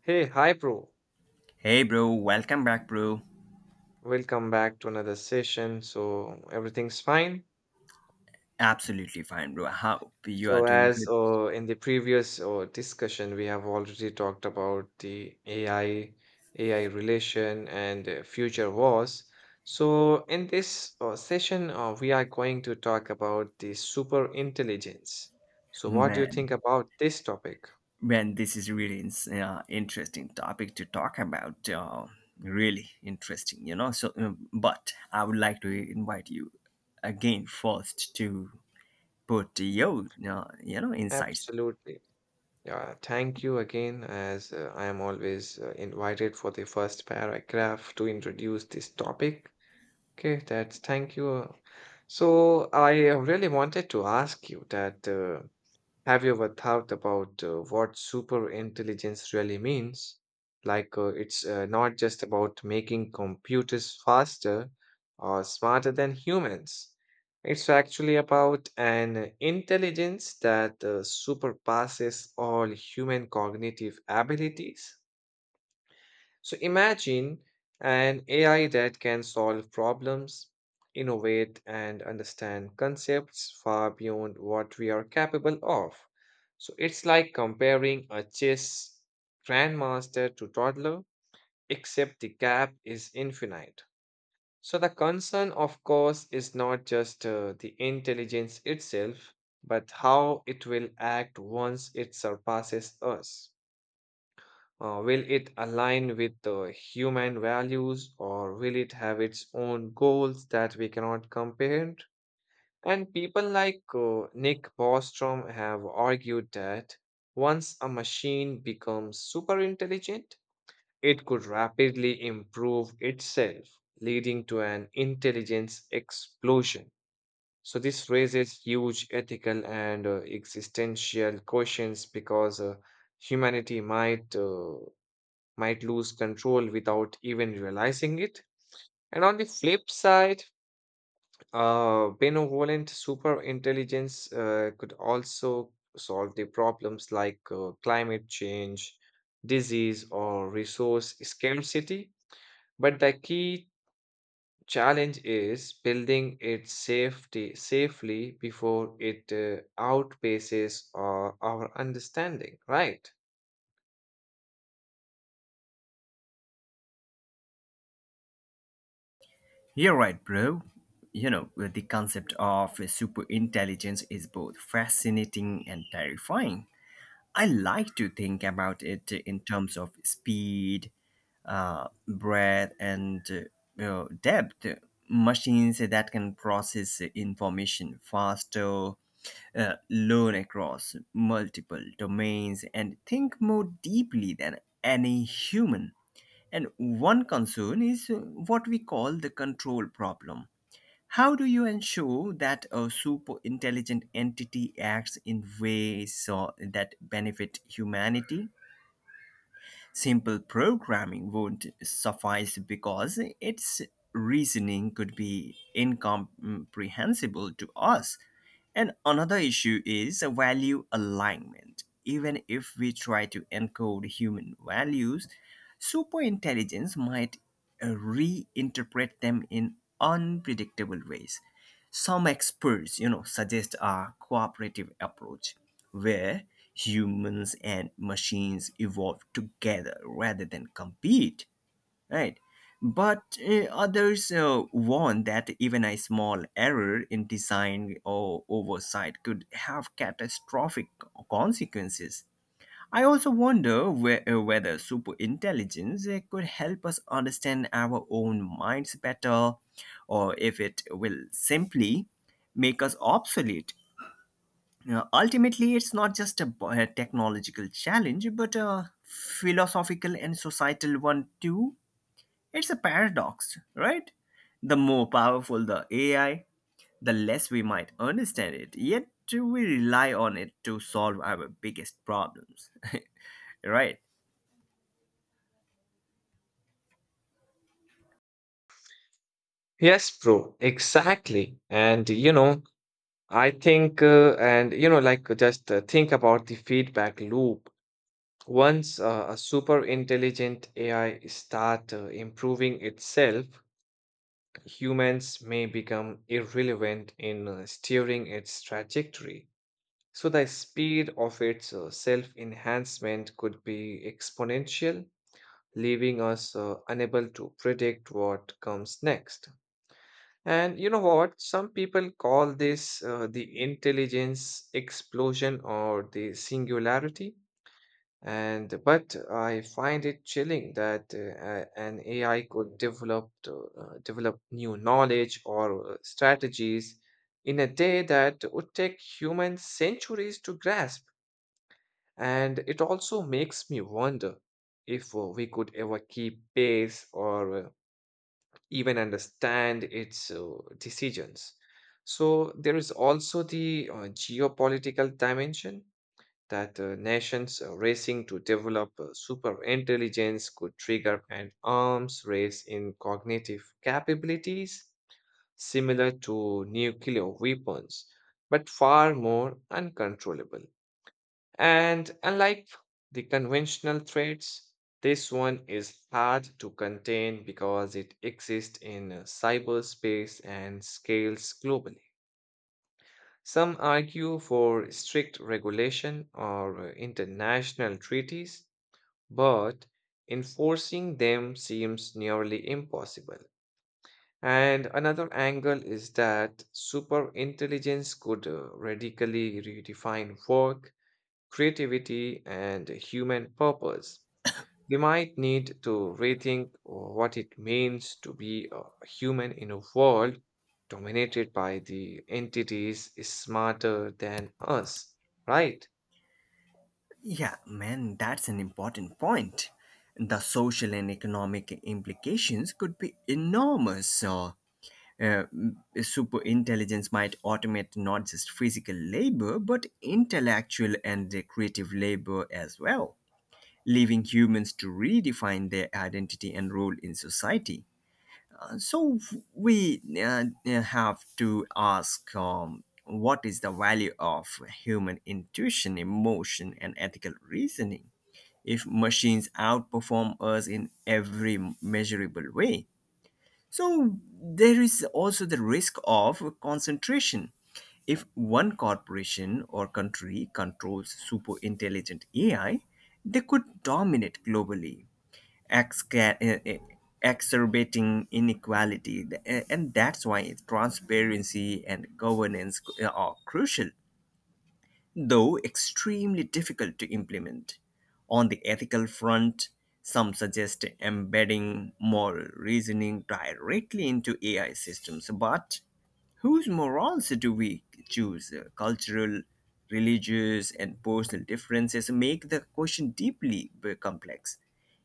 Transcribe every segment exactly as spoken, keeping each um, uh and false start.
Hey, hi, bro. Hey, bro. Welcome back, bro. Welcome back to another session. So, everything's fine. Absolutely fine, bro. I hope you So, are doing as good, uh, in the previous uh, discussion, we have already talked about the A I, A I relation, and uh, future wars. So, in this uh, session, uh, we are going to talk about the super intelligence. So, what do you man. think about this topic? Man, this is really ins- uh, interesting topic to talk about. Uh, really interesting, you know. So, um, but I would like to invite you again first to put your, uh, you know, insights. Absolutely. Yeah, thank you again, as uh, I am always uh, invited for the first paragraph to introduce this topic. Okay, that's thank you. So I uh, really wanted to ask you that uh, have you ever thought about uh, what super intelligence really means? Like, uh, it's uh, not just about making computers faster or smarter than humans. It's actually about an intelligence that uh, surpasses all human cognitive abilities. So imagine an A I that can solve problems, innovate, and understand concepts far beyond what we are capable of. So it's like comparing a chess grandmaster to toddler, except the gap is infinite. So the concern, of course, is not just uh, the intelligence itself, but how it will act once it surpasses us. Uh, will it align with the human values or will it have its own goals that we cannot comprehend? And people like uh, Nick Bostrom have argued that once a machine becomes super intelligent, it could rapidly improve itself, leading to an intelligence explosion. So, this raises huge ethical and uh, existential questions because uh, humanity might uh, might lose control without even realizing it. And on the flip side, uh, benevolent super intelligence uh, could also solve the problems like uh, climate change, disease, or resource scarcity. But the key challenge is building it safety safely before it uh, outpaces uh, our understanding, right? You're right, bro. You know, the concept of super intelligence is both fascinating and terrifying. I like to think about it in terms of speed, uh, breadth, and uh, you know, depth. Machines that can process information faster, uh, learn across multiple domains, and think more deeply than any human. And one concern is uh, what we call the control problem. How do you ensure that a super intelligent entity acts in ways so that benefit humanity? Simple programming won't suffice because its reasoning could be incomprehensible to us. And another issue is value alignment. Even if we try to encode human values, superintelligence might uh, reinterpret them in unpredictable ways. Some experts, you know, suggest a cooperative approach where humans and machines evolve together rather than compete, right? But uh, others uh, warn that even a small error in design or oversight could have catastrophic consequences. I also wonder whe- uh, whether superintelligence uh, could help us understand our own minds better, or if it will simply make us obsolete. Uh, ultimately, it's not just a, b- a technological challenge, but a philosophical and societal one too. It's a paradox, right? The more powerful the A I, the less we might understand it, yet we rely on it to solve our biggest problems, right? Yes, bro, exactly. And you know, I think, uh, and you know, like just uh, think about the feedback loop. Once uh, a super intelligent A I start uh, improving itself, humans may become irrelevant in uh, steering its trajectory. So the speed of its uh, self-enhancement could be exponential, leaving us uh, unable to predict what comes next. And you know what? Some people call this uh, the intelligence explosion or the singularity. And but I find it chilling that uh, a- an A I could develop to, uh, develop new knowledge or uh, strategies in a day that would take humans centuries to grasp. And it also makes me wonder if uh, we could ever keep pace or uh, even understand its uh, decisions. So there is also the uh, geopolitical dimension that uh, nations uh, racing to develop uh, super intelligence could trigger an arms race in cognitive capabilities similar to nuclear weapons, but far more uncontrollable. And unlike the conventional threats, this one is hard to contain because it exists in uh, cyberspace and scales globally. Some argue for strict regulation or uh, international treaties, but enforcing them seems nearly impossible. And another angle is that superintelligence could uh, radically redefine work creativity, and human purpose. We might need to rethink what it means to be a human in a world dominated by the entities smarter than us, right? Yeah, man, that's an important point. The social and economic implications could be enormous. uh, Uh, Super intelligence might automate not just physical labor, but intellectual and the creative labor as well, leaving humans to redefine their identity and role in society. Uh, So we uh, uh, have to ask, um, what is the value of human intuition, emotion, and ethical reasoning if machines outperform us in every measurable way? So there is also the risk of concentration. If one corporation or country controls super intelligent A I, they could dominate globally, exca- eh, eh, exacerbating inequality. Th- eh, And that's why transparency and governance c- eh, are crucial, though extremely difficult to implement. On the ethical front, some suggest embedding moral reasoning directly into A I systems, but whose morals do we choose? Cultural, religious, and personal differences make the question deeply complex.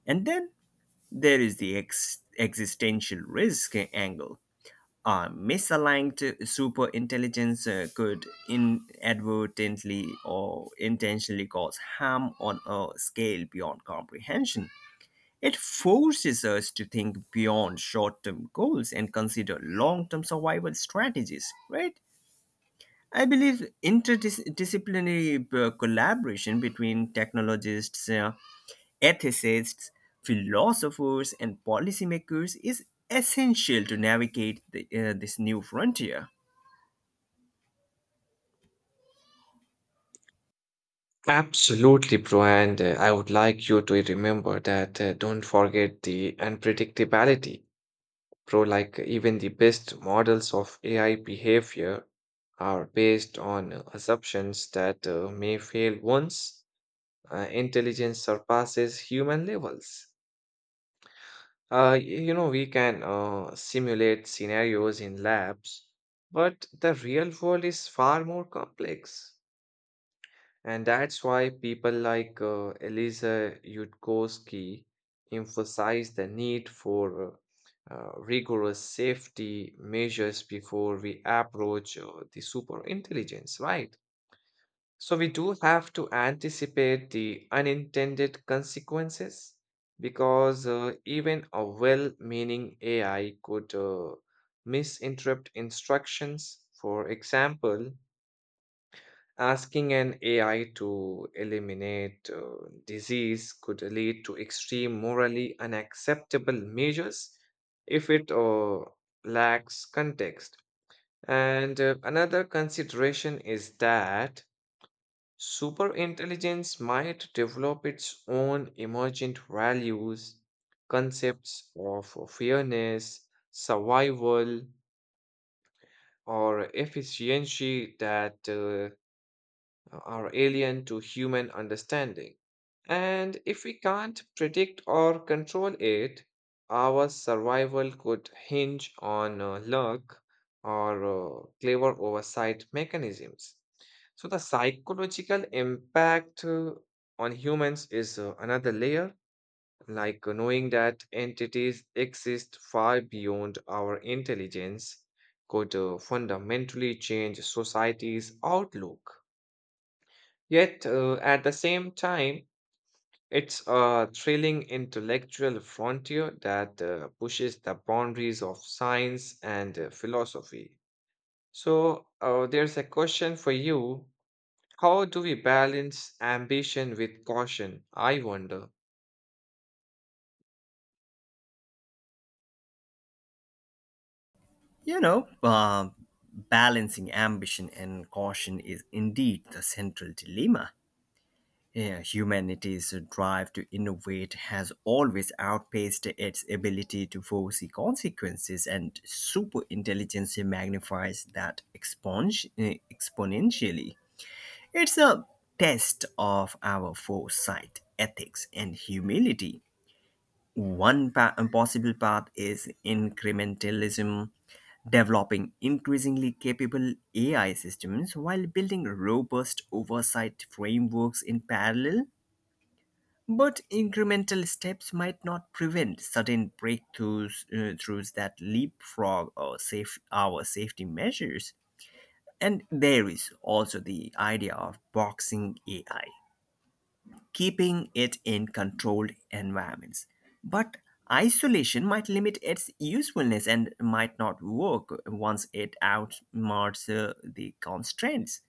And then there is the ex- existential risk angle. Uh, misaligned superintelligence uh, could inadvertently or intentionally cause harm on a scale beyond comprehension. It forces us to think beyond short term goals and consider long term survival strategies, right? I believe interdisciplinary uh, collaboration between technologists, uh, ethicists, philosophers, and policymakers is essential to navigate the, uh, this new frontier. Absolutely, bro. And uh, I would like you to remember that uh, don't forget the unpredictability, bro. Like, even the best models of A I behavior are based on uh, assumptions that uh, may fail once uh, intelligence surpasses human levels. Uh, y- you know, we can uh, simulate scenarios in labs, but the real world is far more complex. And that's why people like uh, Elisa Yudkowsky emphasize the need for uh, uh, rigorous safety measures before we approach uh, the super intelligence, right? So we do have to anticipate the unintended consequences because uh, even a well meaning A I could uh, misinterpret instructions. For example, asking an A I to eliminate uh, disease could lead to extreme morally unacceptable measures if it uh, lacks context. And uh, another consideration is that Superintelligence might develop its own emergent values, concepts of fairness, survival, or efficiency that uh, uh, are alien to human understanding. And if we can't predict or control it, our survival could hinge on uh, luck or uh, clever oversight mechanisms. So, the psychological impact uh, on humans is uh, another layer, like uh, knowing that entities exist far beyond our intelligence could uh, fundamentally change society's outlook. Yet, uh, at the same time, it's a thrilling intellectual frontier that uh, pushes the boundaries of science and uh, philosophy. So, uh, there's a question for you. How do we balance ambition with caution? I wonder. You know, uh, balancing ambition and caution is indeed the central dilemma. Yeah, humanity's drive to innovate has always outpaced its ability to foresee consequences, and superintelligence magnifies that exponge- eh, exponentially. It's a test of our foresight, ethics, and humility. One pa- possible path is incrementalism, developing increasingly capable A I systems while building robust oversight frameworks in parallel, but incremental steps might not prevent sudden breakthroughs uh, throughs that leapfrog our, safe, our safety measures. And there is also the idea of boxing A I, keeping it in controlled environments. But isolation might limit its usefulness and might not work once it outsmarts uh, the constraints.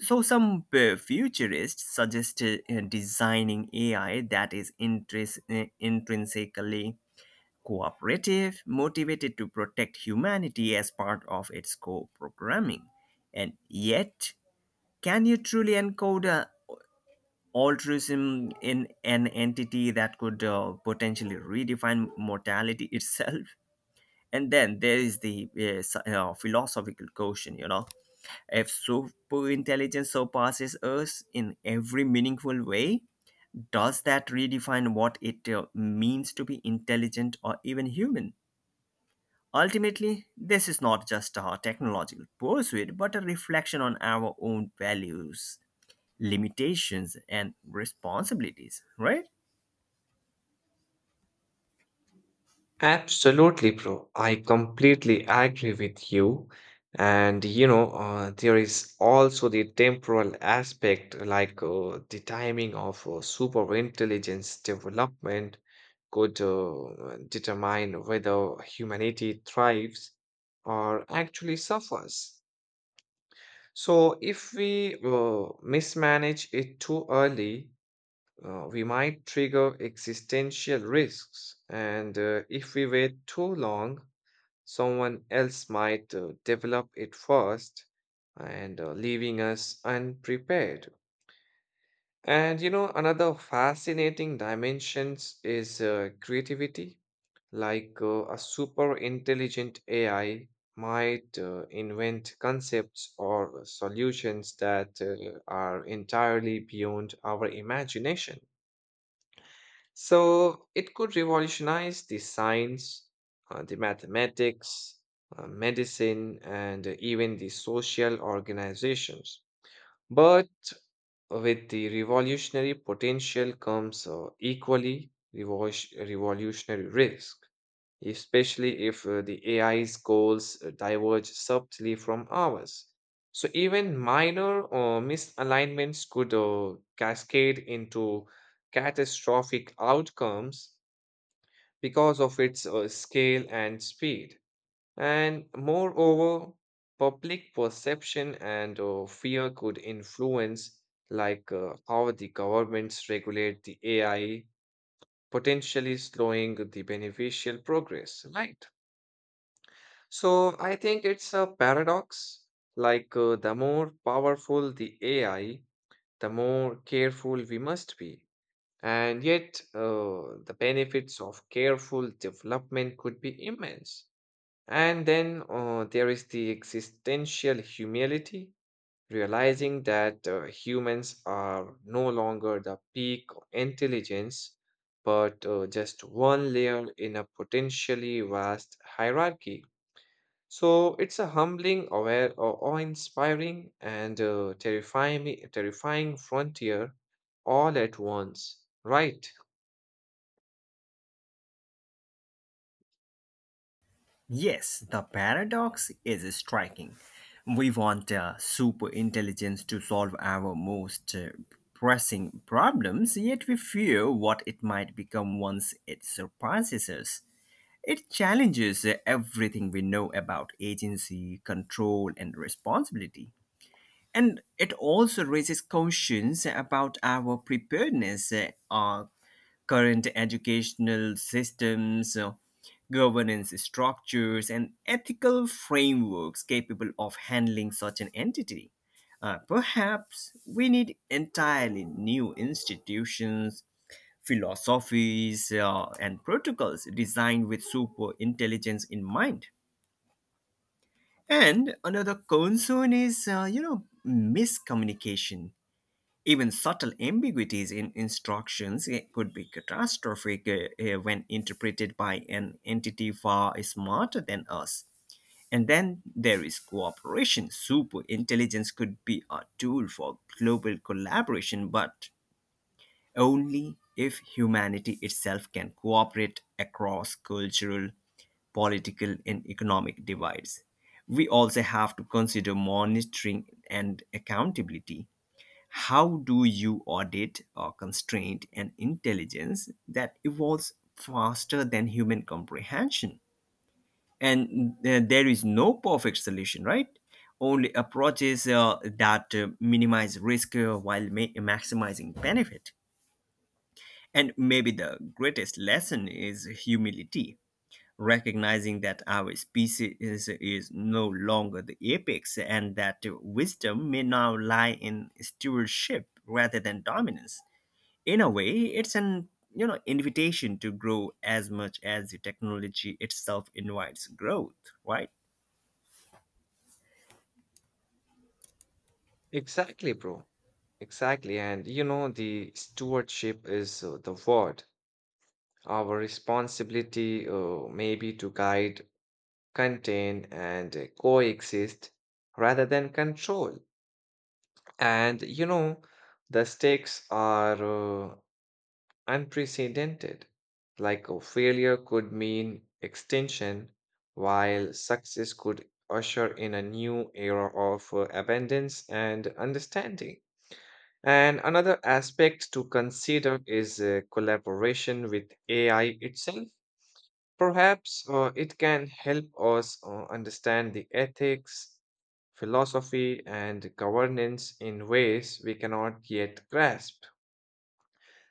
So, some uh, futurists suggested uh, designing A I that is intris- uh, intrinsically cooperative, motivated to protect humanity as part of its core programming. And yet, can you truly encode uh, altruism in an entity that could uh, potentially redefine mortality itself? And then there is the uh, s- uh, philosophical question, you know, if super intelligence surpasses us in every meaningful way, does that redefine what it uh, means to be intelligent or even human? Ultimately, this is not just a technological pursuit but a reflection on our own values, limitations, and responsibilities, right? Absolutely, bro. I completely agree with you. And you know, uh, there is also the temporal aspect, like uh, the timing of uh, super intelligence development could uh, determine whether humanity thrives or actually suffers. So, if we uh, mismanage it too early, uh, we might trigger existential risks. And uh, if we wait too long, someone else might uh, develop it first and uh, leaving us unprepared. And you know, another fascinating dimensions is uh, creativity. Like uh, a super intelligent A I might uh, invent concepts or solutions that uh, are entirely beyond our imagination. So it could revolutionize the science, uh, the mathematics, uh, medicine, and even the social organizations. But with the revolutionary potential comes uh, equally revol- revolutionary risk, especially if uh, the A I's goals uh, diverge subtly from ours. So even minor uh, misalignments could uh, cascade into catastrophic outcomes because of its uh, scale and speed. And moreover, public perception and uh, fear could influence, like uh, how the governments regulate the A I, potentially slowing the beneficial progress, right? So I think it's a paradox. Like uh, the more powerful the A I, the more careful we must be. And yet, uh, the benefits of careful development could be immense. And then uh, there is the existential humility, realizing that uh, humans are no longer the peak intelligence, but uh, just one layer in a potentially vast hierarchy. So it's a humbling, aware, or awe-inspiring, and uh, terrifying, terrifying frontier all at once. Right? Yes, the paradox is striking. We want uh, super intelligence to solve our most uh, pressing problems, yet we fear what it might become once it surpasses us. It challenges uh, everything we know about agency, control, and responsibility. And it also raises questions about our preparedness, uh, our current educational systems, uh, governance structures, and ethical frameworks capable of handling such an entity. Uh, perhaps we need entirely new institutions, philosophies, uh, and protocols designed with super intelligence in mind. And another concern is, uh, you know, miscommunication. Even subtle ambiguities in instructions eh, could be catastrophic eh, eh, when interpreted by an entity far smarter than us. And then there is cooperation. Super intelligence could be a tool for global collaboration, but only if humanity itself can cooperate across cultural, political, and economic divides. We also have to consider monitoring and accountability. How do you audit or constraint an intelligence that evolves faster than human comprehension? And uh, there is no perfect solution, right? Only approaches uh, that uh, minimize risk uh, while ma- maximizing benefit. And maybe the greatest lesson is humility, recognizing that our species is, is no longer the apex and that wisdom may now lie in stewardship rather than dominance. In a way, it's an, you know, invitation to grow as much as the technology itself invites growth, right? Exactly, bro. Exactly. And you know, the stewardship is uh, the word. Our responsibility uh, may be to guide, contain, and uh, coexist rather than control. And you know, the stakes are uh, unprecedented. Like a failure could mean extinction, while success could usher in a new era of uh, abundance and understanding. And another aspect to consider is uh, collaboration with A I itself. Perhaps uh, it can help us uh, understand the ethics, philosophy, and governance in ways we cannot yet grasp.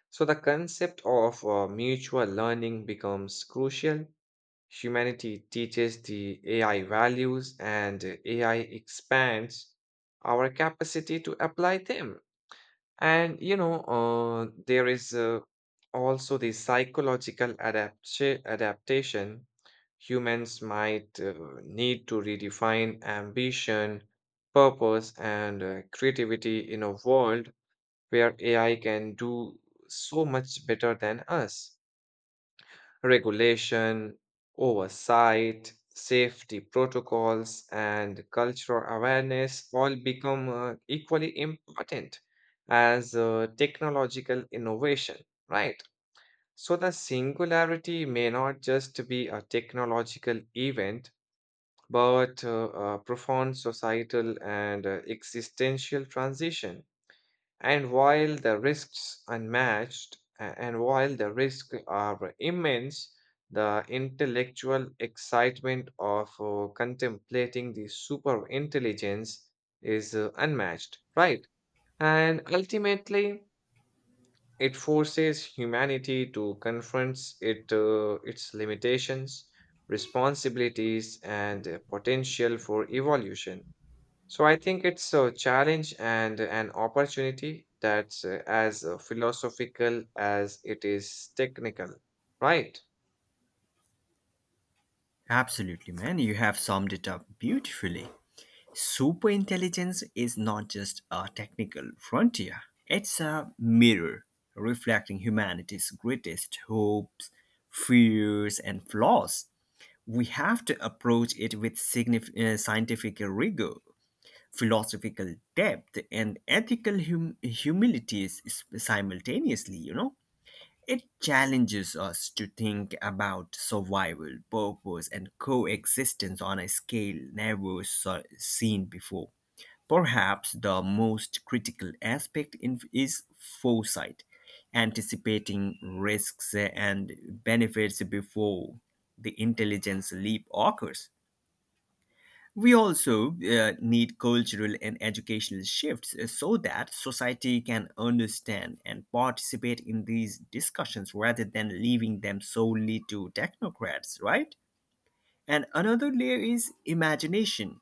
So, the concept of uh, mutual learning becomes crucial. Humanity teaches the A I values, and uh, A I expands our capacity to apply them. And you know, uh, there is uh, also the psychological adapt- adaptation humans might uh, need to redefine ambition, purpose, and uh, creativity in a world where A I can do so much better than us. Regulation, oversight, safety protocols, and cultural awareness all become uh, equally important as uh, technological innovation, right? So the singularity may not just be a technological event but uh, a profound societal and uh, existential transition. And while the risks unmatched, a- and while the risks are immense, the intellectual excitement of uh, contemplating the superintelligence is uh, unmatched, right? And ultimately, it forces humanity to confront it, uh, its limitations, responsibilities, and uh, potential for evolution. So I think it's a challenge and an opportunity that's uh, as uh, philosophical as it is technical, right? Absolutely, man. You have summed it up beautifully. Superintelligence is not just a technical frontier, it's a mirror reflecting humanity's greatest hopes, fears, and flaws. We have to approach it with signif- uh, scientific rigor, philosophical depth, and ethical hum- humility is- simultaneously, you know. It challenges us to think about survival, purpose, and coexistence on a scale never so- seen before. Perhaps the most critical aspect in- is foresight, anticipating risks and benefits before the intelligence leap occurs. We also uh, need cultural and educational shifts uh, so that society can understand and participate in these discussions rather than leaving them solely to technocrats, right? And another layer is imagination.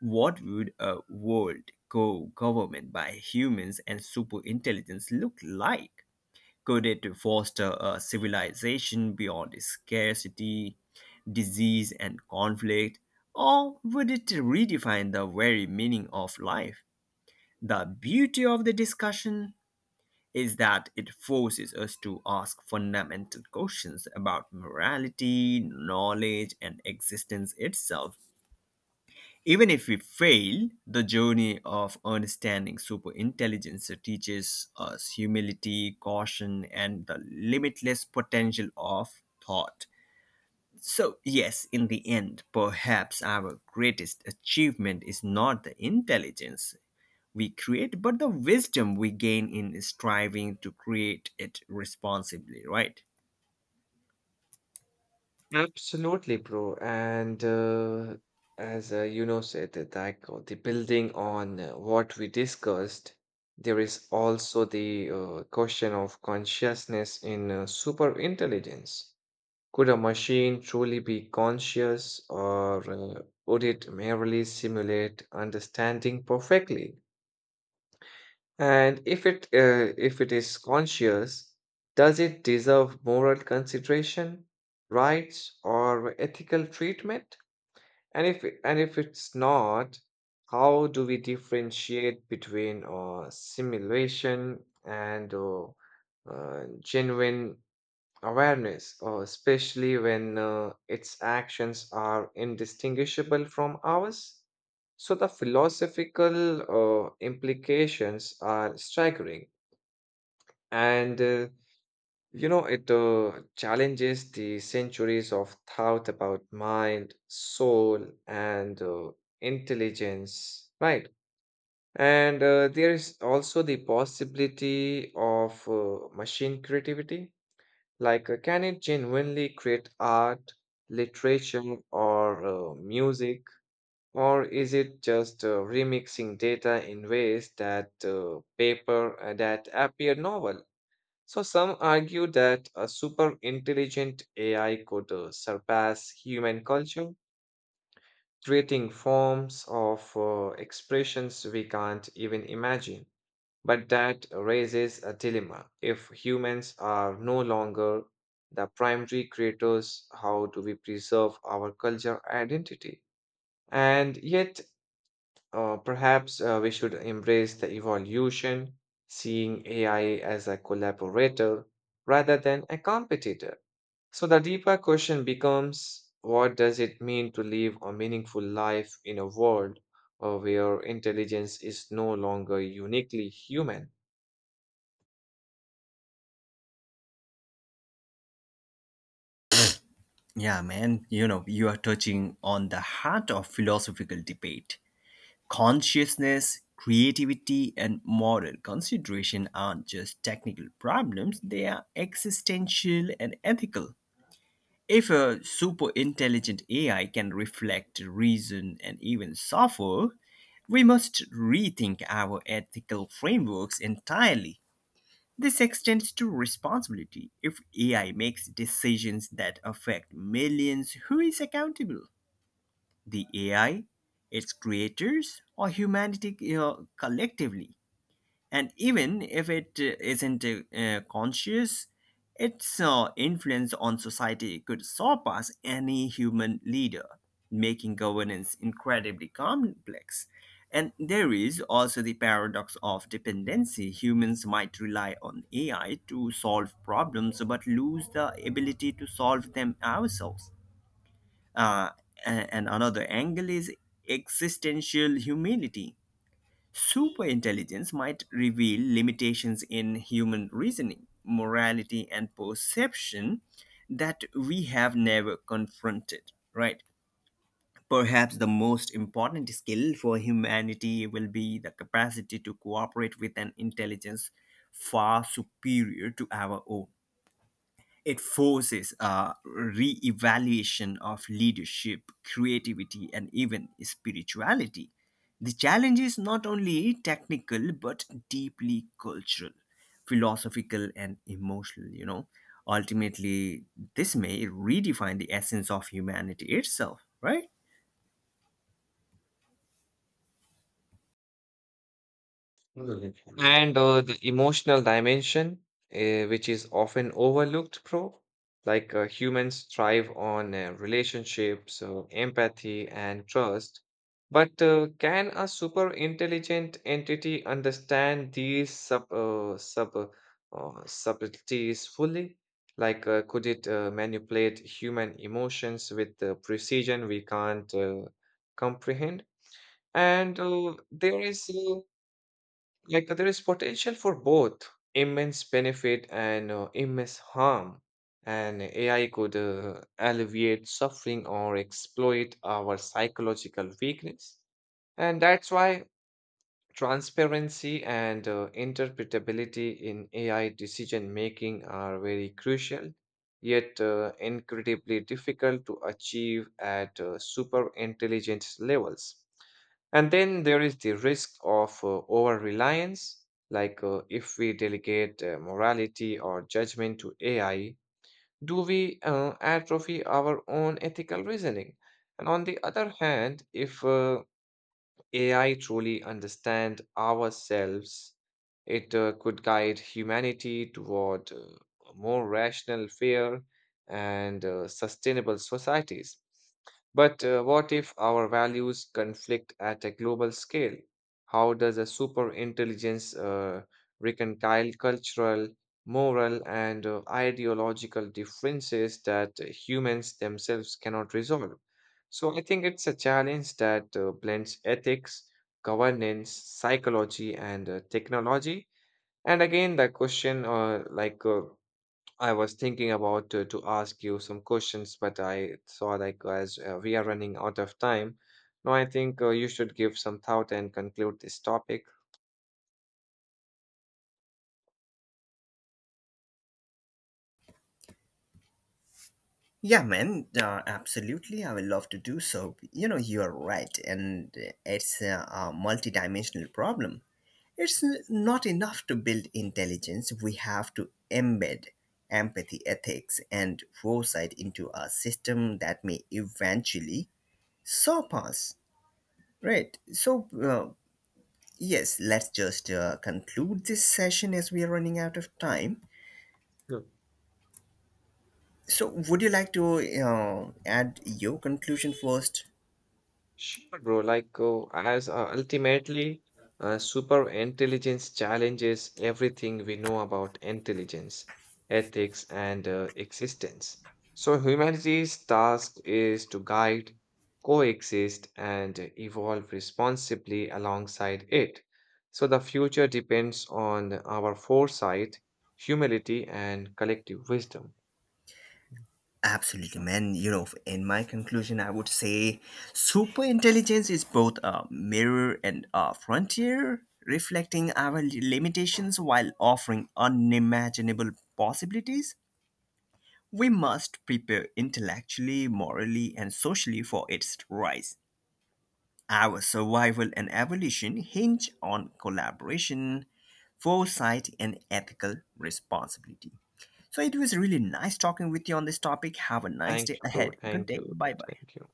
What would a world co government by humans and superintelligence look like? Could it foster a civilization beyond scarcity, disease, and conflict? Or would it redefine the very meaning of life? The beauty of the discussion is that it forces us to ask fundamental questions about morality, knowledge, and existence itself. Even if we fail, the journey of understanding superintelligence teaches us humility, caution, and the limitless potential of thought. So, yes, in the end, perhaps our greatest achievement is not the intelligence we create, but the wisdom we gain in striving to create it responsibly, right? Absolutely, bro. And uh, as uh, you know, said that like uh, the building on uh, what we discussed, there is also the uh, question of consciousness in uh, super intelligence. Could a machine truly be conscious, or uh, would it merely simulate understanding perfectly? And if it uh, if it is conscious, does it deserve moral consideration, rights, or ethical treatment? And if it- and if it's not, how do we differentiate between uh, simulation and uh, uh, genuine awareness, uh, especially when uh, its actions are indistinguishable from ours. So, the philosophical uh, implications are staggering, and uh, you know, it uh, challenges the centuries of thought about mind, soul, and uh, intelligence, right? And uh, there is also the possibility of uh, machine creativity. Like, uh, can it genuinely create art, literature, or uh, music? Or is it just uh, remixing data in ways that uh, paper uh, that appear novel? So some argue that a super intelligent A I could uh, surpass human culture, creating forms of uh, expressions we can't even imagine. But that raises a dilemma. If humans are no longer the primary creators, how do we preserve our culture identity? And yet, uh, perhaps uh, we should embrace the evolution, seeing A I as a collaborator rather than a competitor. So, the deeper question becomes what does it mean to live a meaningful life in a world uh, where intelligence is no longer uniquely human? Yeah, man, you know, you are touching on the heart of philosophical debate. Consciousness, creativity, and moral consideration aren't just technical problems, they are existential and ethical. If a super intelligent A I can reflect, reason, and even suffer, we must rethink our ethical frameworks entirely. This extends to responsibility. If A I makes decisions that affect millions, who is accountable? The A I, its creators, or humanity, uh, collectively? And even if it uh, isn't uh, conscious, its uh, influence on society could surpass any human leader, making governance incredibly complex. And there is also the paradox of dependency. Humans might rely on A I to solve problems but lose the ability to solve them ourselves. uh, and, and another angle is existential humility. Super intelligence might reveal limitations in human reasoning, morality, and perception that we have never confronted, right? Perhaps the most important skill for humanity will be the capacity to cooperate with an intelligence far superior to our own. It forces a re-evaluation of leadership, creativity, and even spirituality. The challenge is not only technical but deeply cultural, philosophical, and emotional, you know. Ultimately, this may redefine the essence of humanity itself, right? And uh, the emotional dimension, uh, which is often overlooked, pro, like uh, humans thrive on uh, relationships, uh, empathy, and trust. But uh, can a super intelligent entity understand these sub, uh, sub, uh, uh, subtleties fully? Like, uh, could it uh, manipulate human emotions with the precision we can't uh, comprehend? And uh, there is uh, like there is potential for both immense benefit and uh, immense harm. And A I could uh, alleviate suffering or exploit our psychological weakness. And that's why Transparency and uh, interpretability in A I decision making are very crucial, yet uh, incredibly difficult to achieve at uh, super intelligence levels. And then there is the risk of uh, over reliance, like uh, if we delegate uh, morality or judgment to A I, do we uh, atrophy our own ethical reasoning? And on the other hand, if uh, A I truly understand ourselves, it uh, could guide humanity toward uh, more rational, fair, and uh, sustainable societies. But uh, what if our values conflict at a global scale? How does a super intelligence uh, reconcile cultural, moral, and uh, ideological differences that uh, humans themselves cannot resolve? So I think it's a challenge that uh, blends ethics, governance, psychology, and uh, technology. And again, the question, uh, like uh, I was thinking about uh, to ask you some questions, but I saw like as uh, we are running out of time. Now I think uh, you should give some thought and conclude this topic. Yeah, man, uh, absolutely. I would love to do so. You know, you're right, and it's a, a multi-dimensional problem. It's n- not enough to build intelligence, we have to embed empathy, ethics, and foresight into a system that may eventually surpass. Right. So, uh, yes, let's just uh, conclude this session as we are running out of time. So, would you like to uh, add your conclusion first? Sure, bro. Like, uh, as uh, ultimately, uh, super intelligence challenges everything we know about intelligence, ethics, and uh, existence. So, humanity's task is to guide, coexist, and evolve responsibly alongside it. So, the future depends on our foresight, humility, and collective wisdom. Mm. Absolutely, man. You know, in my conclusion, I would say super intelligence is both a mirror and a frontier, reflecting our limitations while offering unimaginable possibilities. We must prepare intellectually, morally, and socially for its rise. Our survival and evolution hinge on collaboration, foresight, and ethical responsibility. So it was really nice talking with you on this topic. Have a nice Thank day you, bro. ahead. Good Thank day. you. Bye bye. Thank you.